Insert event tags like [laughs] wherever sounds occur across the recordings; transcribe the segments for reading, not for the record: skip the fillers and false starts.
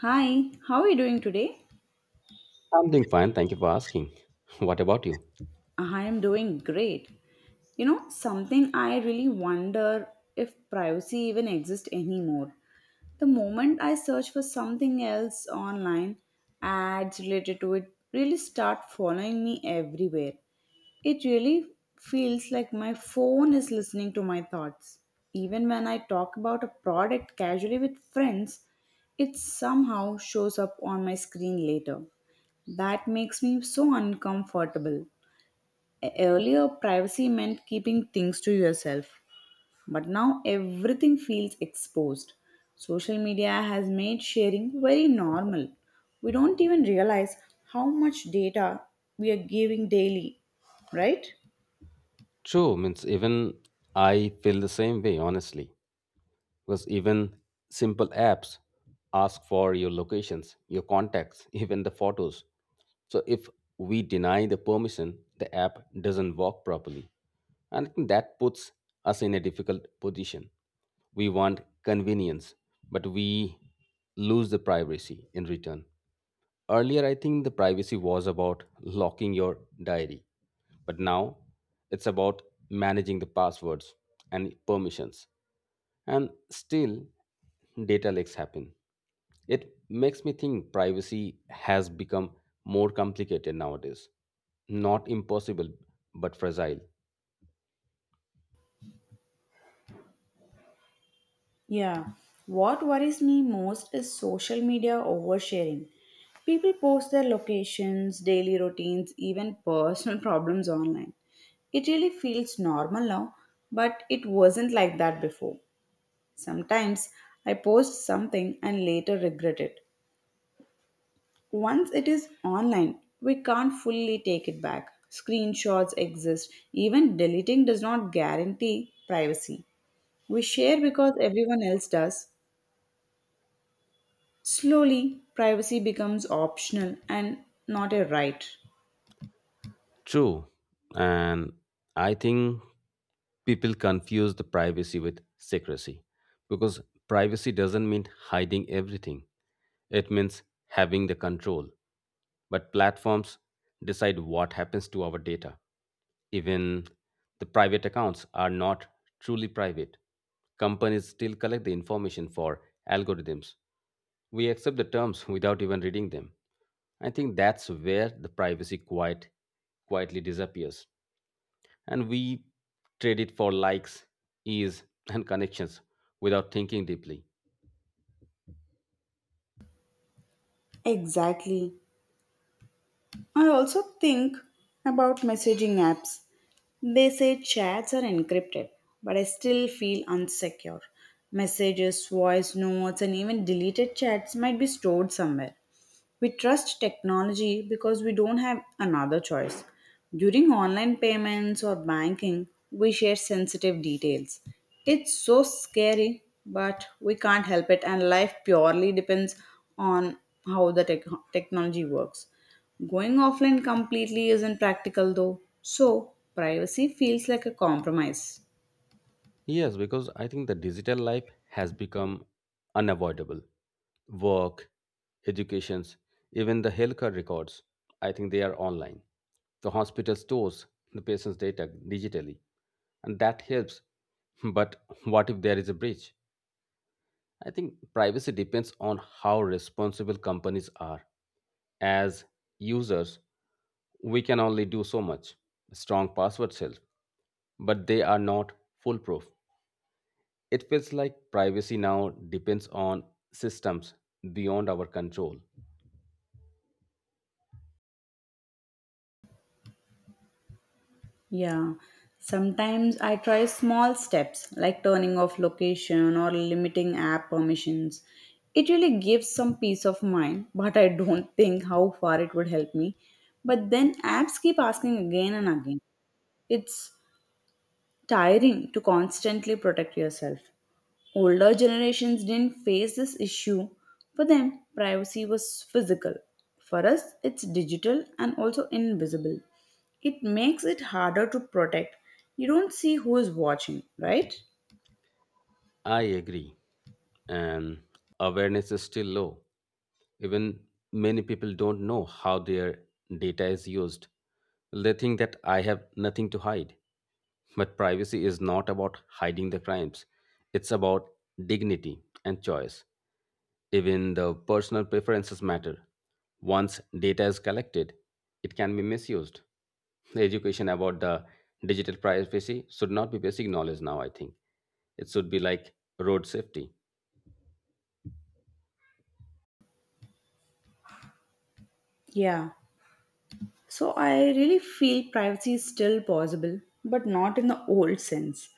Hi, how are you doing today? I'm doing fine. Thank you for asking. [laughs] What about you? I am doing great. You know, something I really wonder if privacy even exists anymore. The moment I search for something else online, ads related to it really start following me everywhere. It really feels like my phone is listening to my thoughts. Even when I talk about a product casually with friends, it somehow shows up on my screen later. That makes me so uncomfortable. Earlier, privacy meant keeping things to yourself, but now everything feels exposed. Social media has made sharing very normal. We don't even realize how much data we are giving daily, right? True, means even I feel the same way, honestly. Because even simple apps ask for your locations, your contacts, [laughs] even the photos. So if we deny the permission, the app doesn't work properly. And I think that puts us in a difficult position. We want convenience, but we lose the privacy in return. Earlier, I think the privacy was about locking your diary, but now it's about managing the passwords and permissions. And still, data leaks happen. It makes me think privacy has become more complicated nowadays. Not impossible, but fragile. Yeah. What worries me most is social media oversharing. People post their locations, daily routines, even personal [laughs] problems online. It really feels normal now, but it wasn't like that before. Sometimes I post something and later regret it. Once it is online, we can't fully take it back. Screenshots exist. Even deleting does not guarantee privacy. We share because everyone else does. Slowly, privacy becomes optional and not a right. True. And I think people confuse the privacy with secrecy, because privacy doesn't mean hiding everything, it means having the control. But platforms decide what happens to our data. Even the private accounts are not truly private. Companies still collect the information for algorithms. We accept the terms without even reading them. I think that's where the privacy quite quietly disappears. And we trade it for likes, ease, and connections without thinking deeply. Exactly. I also think about messaging apps. They say chats are encrypted, but I still feel unsecure. Messages, voice notes, and even deleted chats might be stored somewhere. We trust technology because we don't have another choice. During online payments or banking, we share sensitive details. It's so scary, but we can't help it, and life purely depends on how the technology works. Going offline completely isn't practical though, so privacy feels like a compromise. Yes, because I think the digital life has become unavoidable. Work, educations, even the healthcare records, I think they are online. The hospital stores the patient's data digitally, and that helps. But what if there is a breach? I think privacy depends on how responsible companies are. As users, we can only do so much. Strong passwords help, but they are not foolproof. It feels like privacy now depends on systems beyond our control. Yeah, sometimes I try small steps like turning off location or limiting app permissions. It really gives some peace of mind, [laughs] but I don't think how far it would help me. But then apps keep asking again and again. It's tiring to constantly protect yourself. Older generations didn't face this issue. For them, privacy was physical. For us, it's digital and also invisible. It makes it harder to protect. You don't see who is watching, right? I agree, and awareness is still low. Even many people don't know how their data is used. They think that I have nothing to hide. But privacy is not about hiding the crimes, it's about dignity and choice. Even the personal preferences matter. Once data is collected, it can be misused. The education about the digital privacy should not be basic knowledge now, I think. It should be like road safety. Yeah. So I really feel privacy is still possible, but not in the old sense.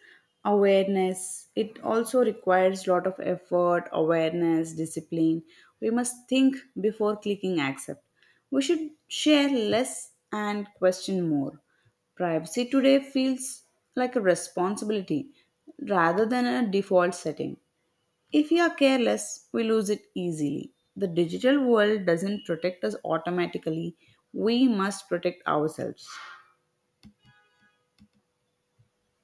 Awareness, it also requires lot of effort, awareness, discipline. We must think before clicking accept. We should share less and question more. Privacy today feels like a responsibility rather than a default setting. If we are careless, we lose it easily. The digital world doesn't protect us automatically, we must protect ourselves.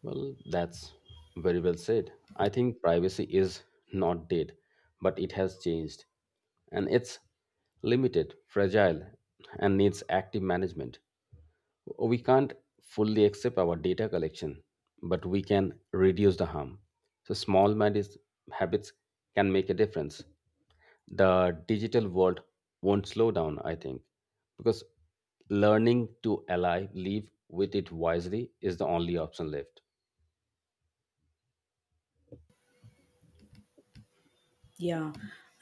Well, that's very well said. I think privacy is not dead, but it has changed. And it's limited, fragile, and needs active management. We can't fully accept our data collection, but we can reduce the harm. So, small managed habits can make a difference. The digital world won't slow down, I think, because learning to live with it wisely is the only option left. Yeah.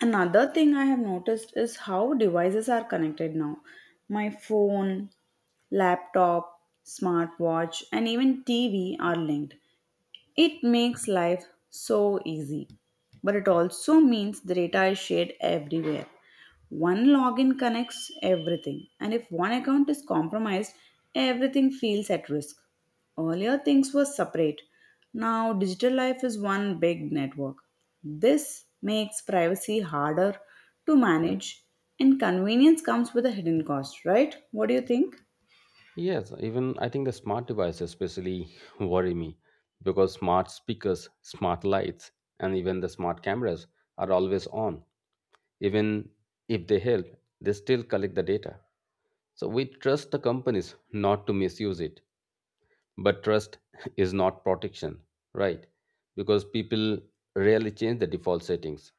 Another thing I have noticed is how devices are connected now. My phone, laptop, smartwatch, and even TV are linked. It makes life so easy, but it also means the data is shared everywhere. One login connects everything, and if one account is compromised, everything feels at risk. Earlier, things were separate. Now, digital life is one big network. This makes privacy harder to manage, and convenience comes with a hidden cost, right? What do you think? Yes, even I think the smart devices especially [laughs] worry me, because smart speakers, smart lights, and even the smart cameras are always on. Even if they help, they still collect the data. So we trust the companies not to misuse it, but trust [laughs] is not protection, right? Because people rarely change the default settings,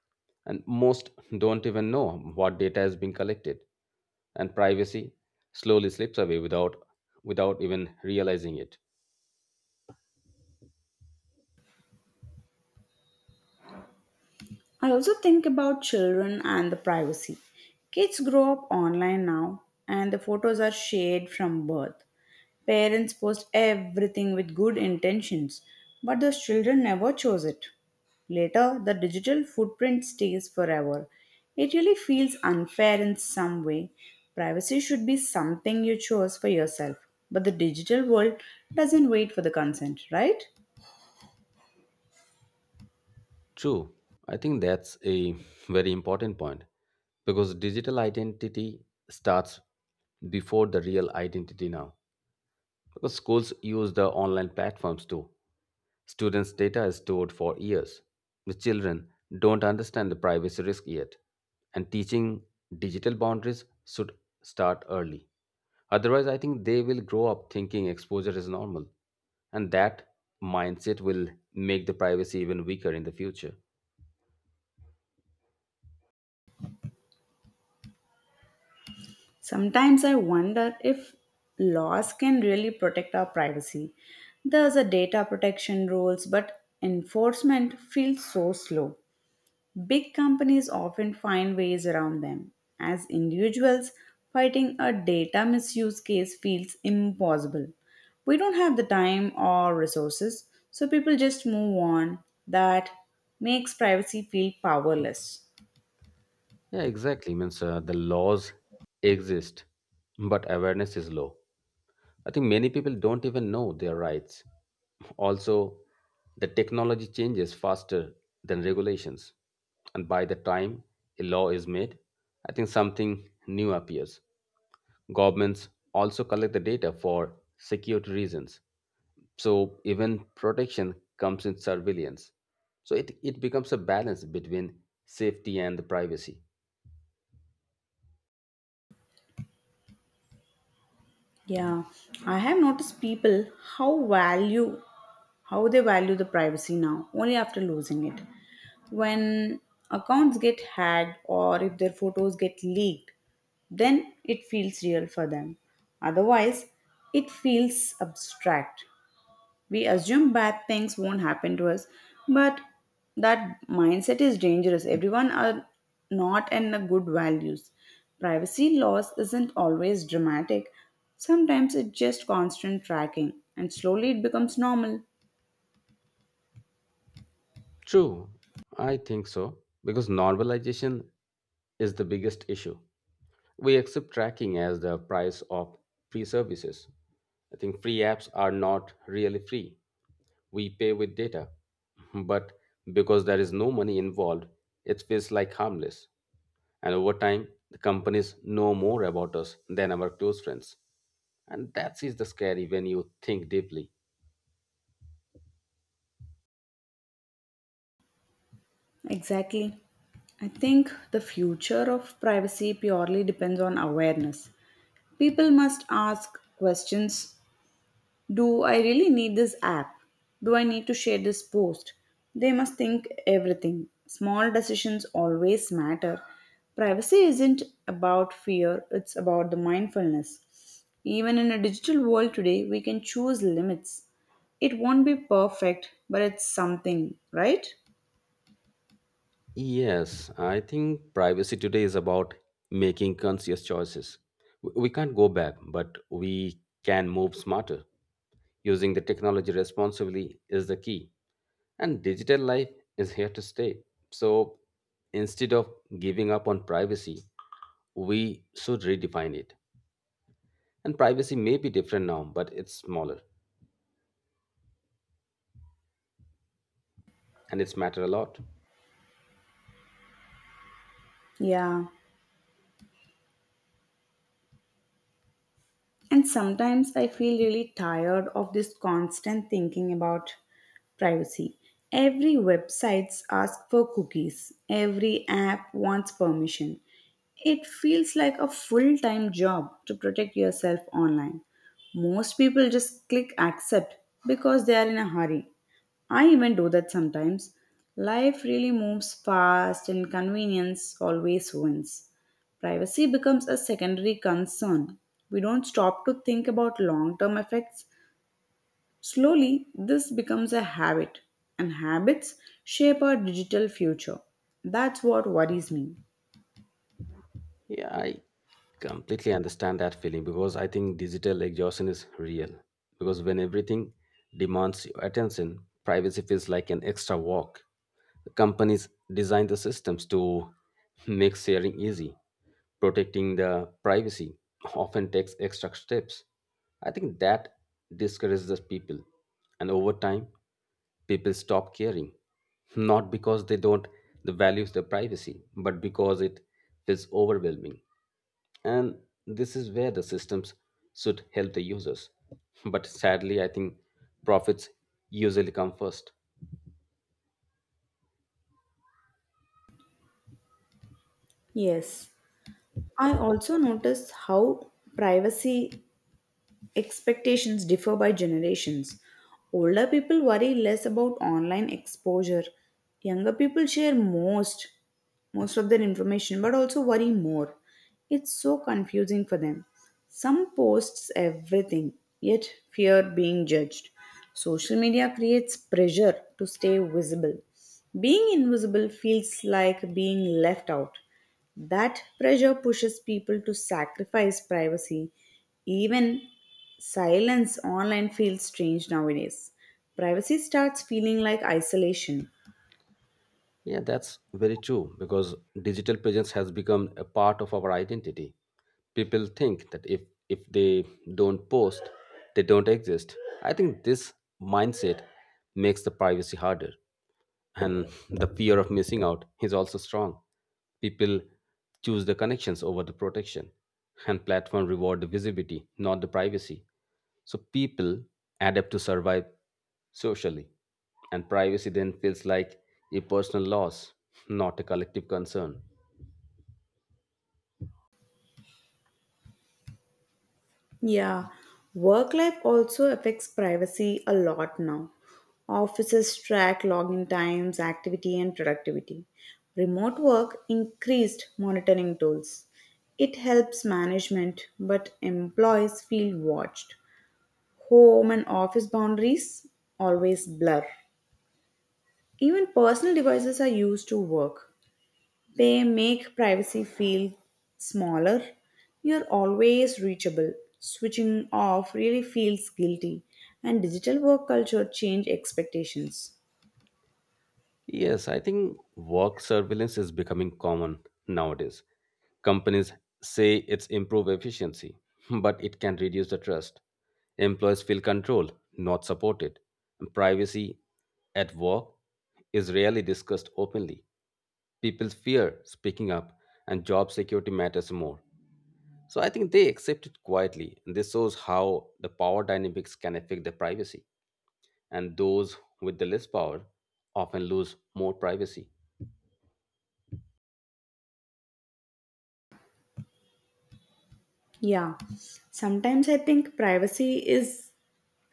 and most don't even know what data is being collected, and privacy slowly slips away without even realizing it. I also think about children and the privacy. Kids grow up online now, and the photos are shared from birth. Parents post everything with good intentions, but those children never chose it. Later, the digital footprint stays forever. It really feels unfair in some way. Privacy should be something you chose for yourself, but the digital world doesn't wait for the consent, right? True, I think that's a very important point, because digital identity starts before the real identity now. Because schools use the online platforms too. Students' data is stored for years. The children don't understand the privacy risk yet, and teaching digital boundaries should start early. Otherwise, I think they will grow up thinking exposure is normal, and that mindset will make the privacy even weaker in the future. Sometimes I wonder if laws can really protect our privacy. There's a data protection rules, but enforcement feels so slow. Big companies often find ways around them. As individuals, fighting a data misuse case feels impossible. We don't have the time or resources, so people just move on. That makes privacy feel powerless. Yeah, exactly. Means the laws exist, but awareness is low. I think many people don't even know their rights. Also, the technology changes faster than regulations. And by the time a law is made, I think something new appears. Governments also collect the data for security reasons. So even protection comes in surveillance. So it becomes a balance between safety and the privacy. Yeah, I have noticed people how value how they value the privacy now only after losing it. When accounts get hacked or if their photos get leaked, then it feels real for them. Otherwise, it feels abstract. We assume bad things won't happen to us, but that mindset is dangerous. Everyone are not in the good values. Privacy loss isn't always dramatic. Sometimes it's just constant tracking, and slowly it becomes normal. True, I think so. Because normalization is the biggest issue. We accept tracking as the price of free services. I think free apps are not really free. We pay with data. [laughs] But because there is no money involved, it feels like harmless. And over time, the companies know more about us than our close friends. And that is the scary when you think deeply. Exactly. I think the future of privacy purely depends on awareness. People must ask questions. Do I really need this app? Do I need to share this post? They must think everything. Small decisions always matter. Privacy isn't about fear, it's about the mindfulness. Even in a digital world today, we can choose limits. It won't be perfect, but it's something, right? Yes, I think privacy today is about making conscious choices. We can't go back, but we can move smarter. Using the technology responsibly is the key, and digital life is here to stay. So instead of giving up on privacy, we should redefine it. And privacy may be different now, but it's smaller and it's matter a lot. Yeah. And sometimes I feel really tired of this constant thinking about privacy. Every website asks for cookies, every app wants permission. It feels like a full time job to protect yourself online. Most people just click accept because they are in a hurry. I even do that sometimes. Life really moves fast and convenience always wins. Privacy becomes a secondary concern. We don't stop to think about long term effects. Slowly, this becomes a habit, and habits shape our digital future. That's what worries me. Yeah, I completely understand that feeling, because I think digital exhaustion is real. Because when everything demands your attention, privacy feels like an extra work. Companies design the systems to [laughs] make sharing easy. Protecting the privacy often takes extra steps. I think that discourages the people. And over time, people stop caring, not because they don't the values their privacy, but because it feels overwhelming. And this is where the systems should help the users, but sadly I think profits usually come first. Yes. I also notice how privacy expectations differ by generations. Older people worry less about online exposure. Younger people share most of their information but also worry more. It's so confusing for them. Some posts everything, yet fear being judged. Social media creates pressure to stay visible. Being invisible feels like being left out. That pressure pushes people to sacrifice privacy. Even silence online feels strange nowadays. Privacy starts feeling like isolation. Yeah, that's very true, because digital presence has become a part of our identity. People think that if they don't post, they don't exist. I think this mindset makes the privacy harder, and the fear of missing out is also strong. People choose the connections over the protection, and platform reward the visibility, not the privacy. So people adapt to survive socially, and privacy then feels like a personal loss, not a collective concern. Yeah, work life also affects privacy a lot now. Offices track login times, activity, and productivity. Remote work increased monitoring tools. It helps management, but employees feel watched. Home and office boundaries always blur. Even personal devices are used to work. They make privacy feel smaller. You're always reachable. Switching off really feels guilty. And digital work culture change expectations. Yes, I think work surveillance is becoming common nowadays. Companies say it's improve efficiency, [laughs] but it can reduce the trust. Employees feel controlled, not supported. And privacy at work is rarely discussed openly. People fear speaking up, and job security matters more. So I think they accept it quietly. This shows how the power dynamics can affect the privacy, and those with the less power often lose more privacy. Yeah. Sometimes I think privacy is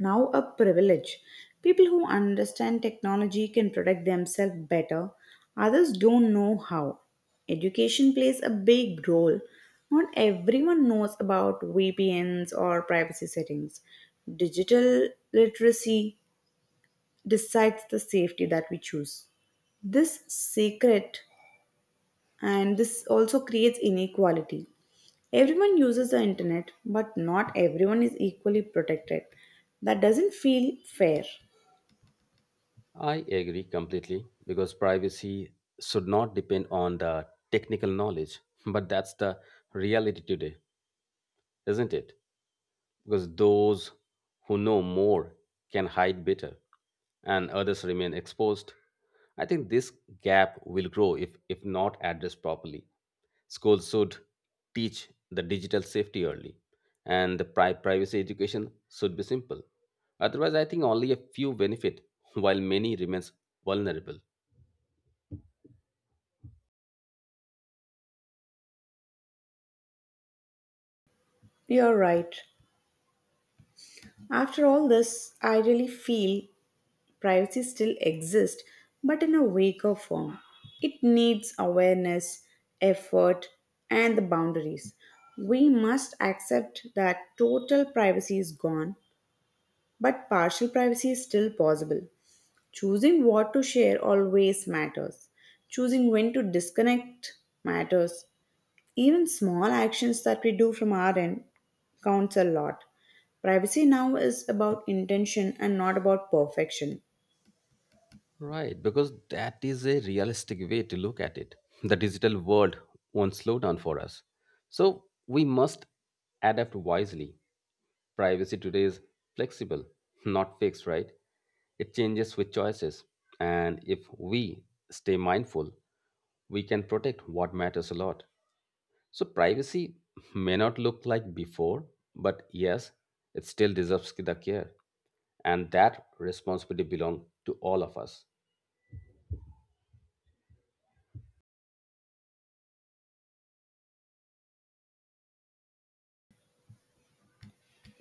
now a privilege. People who understand technology can protect themselves better, others don't know how. Education plays a big role. Not everyone knows about VPNs or privacy settings. Digital literacy decides the safety that we choose. This secret and this also creates inequality. Everyone uses the internet, but not everyone is equally protected. That doesn't feel fair. I agree completely, because privacy should not depend on the technical knowledge, but that's the reality today, isn't it? Because those who know more can hide better, and others remain exposed. I think this gap will grow if not addressed properly. Schools should teach the digital safety early, and the privacy education should be simple. Otherwise, I think only a few benefit, while many remains vulnerable. You're right. After all this, I really feel privacy still exists, but in a weaker form. It needs awareness, effort, and the boundaries. We must accept that total privacy is gone, but partial privacy is still possible. Choosing what to share always matters. Choosing when to disconnect matters. Even small actions that we do from our end counts a lot. Privacy now is about intention and not about perfection. Right, because that is a realistic way to look at it. The digital world won't slow down for us. So we must adapt wisely. Privacy today is flexible, not fixed, right? It changes with choices. And if we stay mindful, we can protect what matters a lot. So privacy may not look like before, but yes, it still deserves the care. And that responsibility belongs to all of us.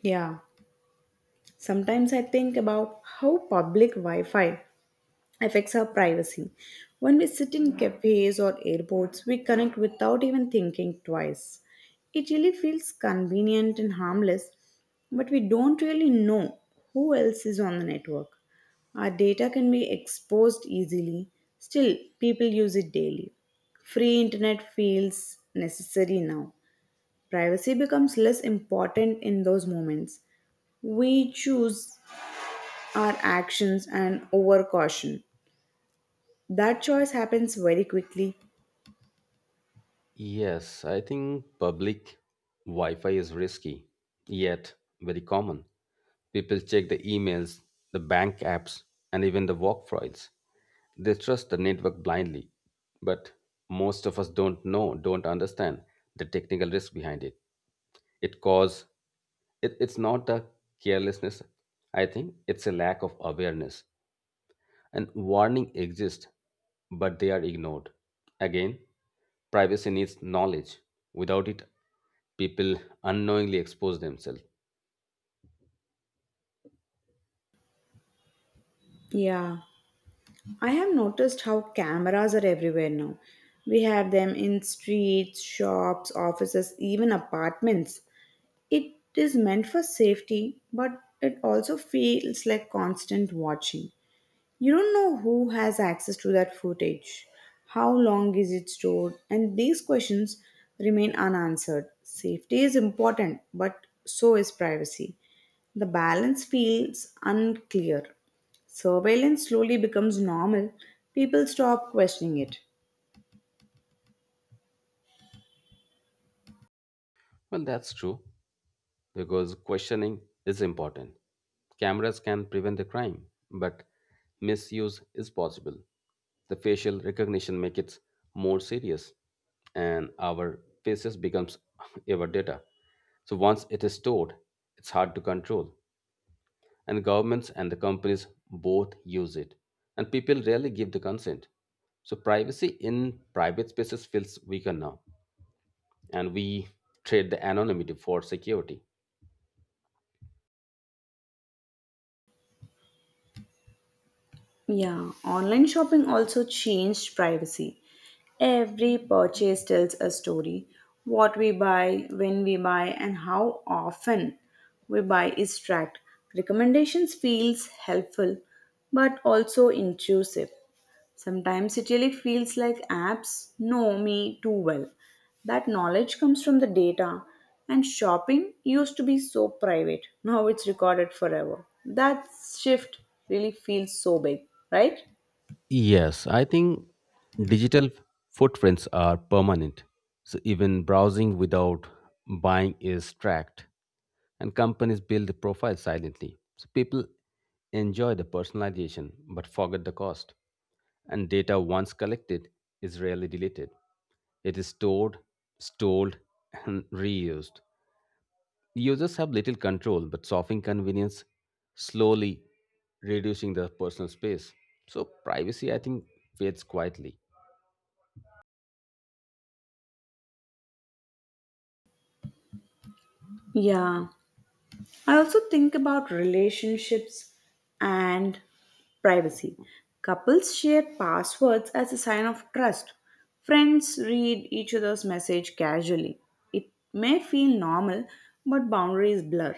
Yeah, sometimes I think about how public Wi Fi affects our privacy. When we sit in cafes or airports, we connect without even thinking twice. It really feels convenient and harmless, but we don't really know who else is on the network. Our data can be exposed easily, still, people use it daily. Free internet feels necessary now. Privacy becomes less important in those moments. We choose our actions and over caution. That choice happens very quickly. Yes, I think public Wi Fi is risky, yet very common. People check the emails, the bank apps, and even the work files. They trust the network blindly, but most of us don't understand the technical risk behind it. It cause it's not a carelessness, I think, it's a lack of awareness. And warning exists, but they are ignored. Again, privacy needs knowledge. Without it, people unknowingly expose themselves. Yeah, I have noticed how cameras are everywhere now. We have them in streets, shops, offices, even apartments. It is meant for safety, but it also feels like constant watching. You don't know who has access to that footage, how long is it stored, and these questions remain unanswered. Safety is important, but so is privacy. The balance feels unclear. Surveillance slowly becomes normal, people stop questioning it. Well, that's true, because questioning is important. Cameras can prevent the crime, but misuse is possible. The facial recognition makes it more serious, and our faces becomes [laughs] our data. So once it is stored, it's hard to control. And governments and the companies both use it, and people rarely give the consent. So privacy in private spaces feels weaker now, and we trade the anonymity for security. Yeah, online shopping also changed privacy. Every purchase tells a story. What we buy, when we buy, and how often we buy is tracked. Recommendations feels helpful but also intrusive. Sometimes it really feels like apps know me too well. That knowledge comes from the data, and shopping used to be so private. Now it's recorded forever. That shift really feels so big, right? Yes, I think digital footprints are permanent. So even browsing without buying is tracked, and companies build the profile silently. So people enjoy the personalization but forget the cost. And data once collected is rarely deleted. It is stored, [laughs] and reused. Users have little control but soften convenience, slowly reducing their personal space. So privacy, I think, fades quietly. Yeah. I also think about relationships and privacy. Couples share passwords as a sign of trust. Friends read each other's message casually. It may feel normal, but boundaries blur.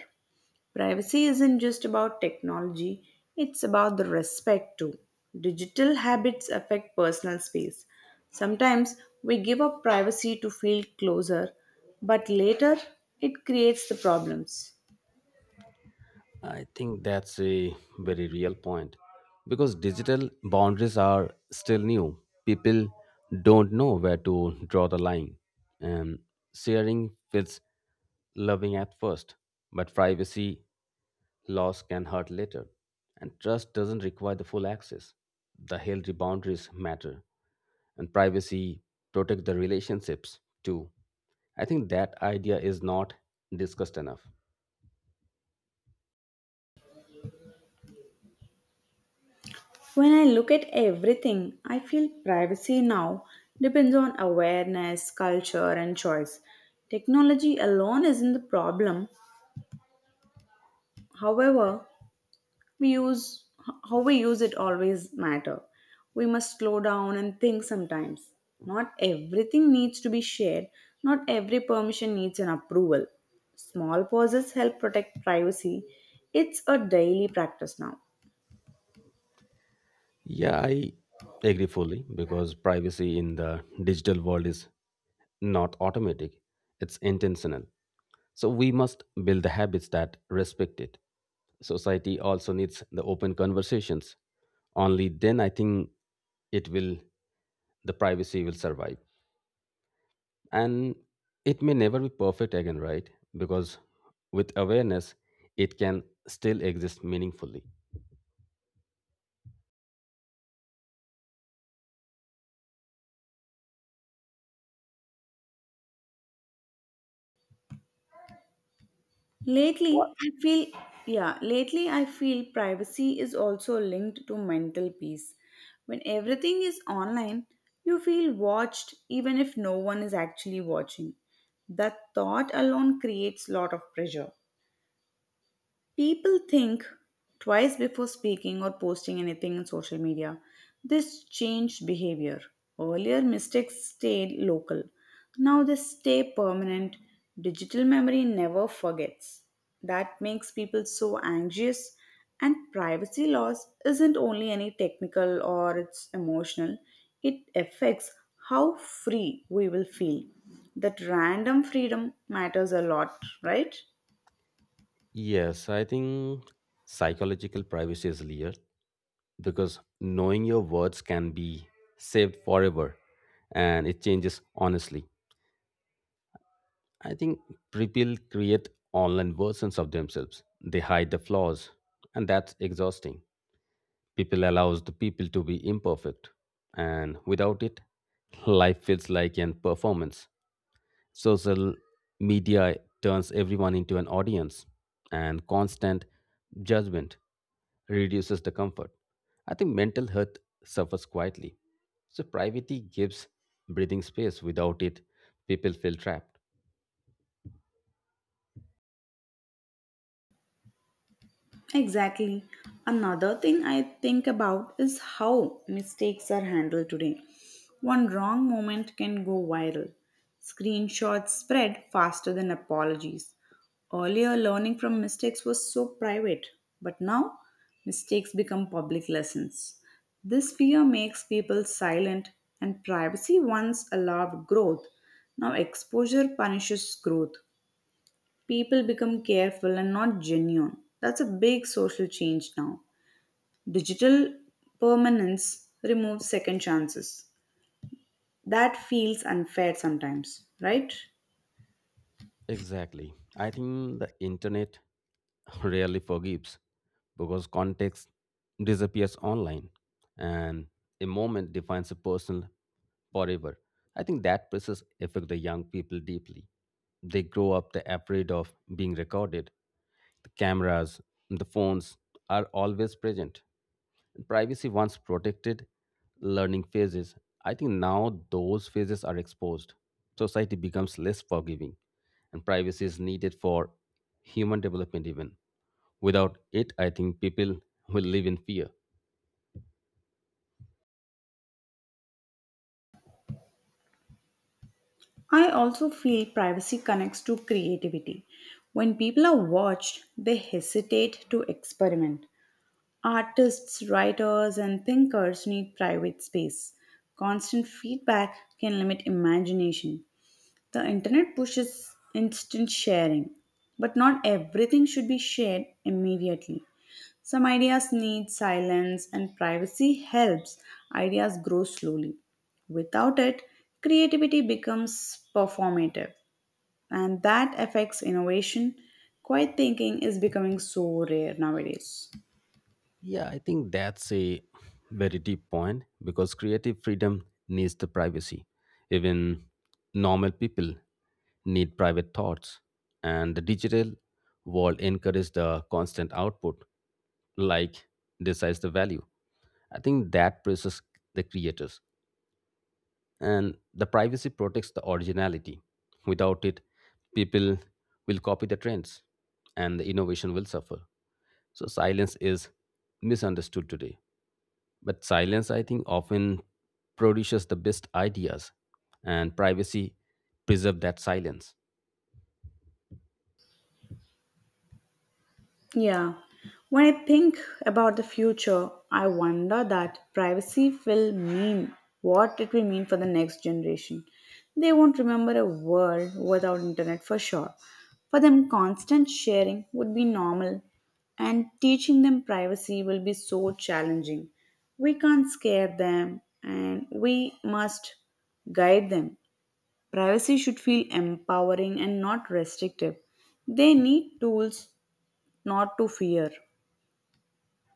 Privacy isn't just about technology, it's about the respect too. Digital habits affect personal space. Sometimes we give up privacy to feel closer, but later it creates the problems. I think that's a very real point, because digital boundaries are still new. People don't know where to draw the line, and sharing feels loving at first, but privacy loss can hurt later, and trust doesn't require the full access. The healthy boundaries matter, and privacy protect the relationships too. I think that idea is not discussed enough. When I look at everything, I feel privacy now depends on awareness, culture, and choice. Technology alone isn't the problem. However, we use how we use it always matter, we must slow down and think sometimes, not everything needs to be shared, not every permission needs an approval, small pauses help protect privacy, it's a daily practice now. Yeah, I agree fully, because privacy in the digital world is not automatic, it's intentional. So we must build the habits that respect it. Society also needs the open conversations. Only then I think it will the privacy will survive. And it may never be perfect again, right? Because with awareness it can still exist meaningfully. Lately, I feel, yeah, lately I feel privacy is also linked to mental peace. When everything is online, you feel watched even if no one is actually watching. That thought alone creates lot of pressure. People think twice before speaking or posting anything in social media. This changed behavior. Earlier, mistakes stayed local. Now they stay permanent. Digital memory never forgets. That makes people so anxious. And privacy loss isn't only any technical or it's emotional, it affects how free we will feel. That random freedom matters a lot, right? Yes, I think psychological privacy is layered, because knowing your words can be saved forever and it changes honestly. I think people create online versions of themselves. They hide the flaws and that's exhausting. People allows the people to be imperfect, and without it life feels like an performance. Social media turns everyone into an audience, and constant judgment reduces the comfort. I think mental health suffers quietly. So, privacy gives breathing space. Without it, people feel trapped. Exactly. Another thing I think about is how mistakes are handled today. One wrong moment can go viral. Screenshots spread faster than apologies. Earlier, learning from mistakes was so private, but now mistakes become public lessons. This fear makes people silent, and privacy once allowed growth. Now, exposure punishes growth, people become careful and not genuine. That's a big social change now. Digital permanence removes second chances. That feels unfair sometimes, right? Exactly. I think the internet [laughs] rarely forgives. Because context disappears online, and a moment defines a person forever. I think that process affects the young people deeply. They grow up the afraid of being recorded. The cameras, the phones are always present. And privacy once protected learning phases. I think now those phases are exposed. Society becomes less forgiving, and privacy is needed for human development, even. Without it, I think people will live in fear. I also feel privacy connects to creativity. When people are watched, they hesitate to experiment. Artists, writers, and thinkers need private space. Constant feedback can limit imagination. The internet pushes instant sharing, but not everything should be shared immediately. Some ideas need silence, and privacy helps ideas grow slowly. Without it, creativity becomes performative, and that affects innovation. Quiet thinking is becoming so rare nowadays. Yeah, I think that's a very deep point, because creative freedom needs the privacy. Even normal people need private thoughts, and the digital world encourages the constant output. Like decides the value. I think that praises the creators. And the privacy protects the originality. Without it, people will copy the trends and the innovation will suffer. So silence is misunderstood today. But silence, I think, often produces the best ideas, and privacy preserves that silence. Yeah. When I think about the future, I wonder that privacy will mean what it will mean for the next generation. They won't remember a world without internet for sure. For them, constant sharing would be normal, and teaching them privacy will be so challenging. We can't scare them, and we must guide them. Privacy should feel empowering and not restrictive. They need tools not to fear.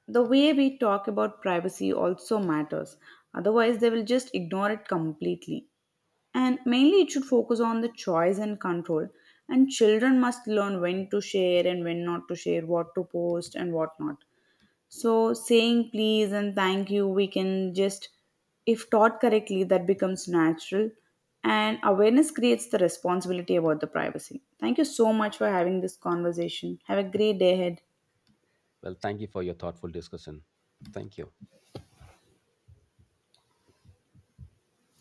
The way we talk about privacy also matters, otherwise, they will just ignore it completely. And mainly, it should focus on the choice and control. And children must learn when to share and when not to share, what to post and what not. So, saying please and thank you, we can just, if taught correctly, that becomes natural. And awareness creates the responsibility about the privacy. Thank you so much for having this conversation. Have a great day ahead. Well, thank you for your thoughtful discussion. Thank you.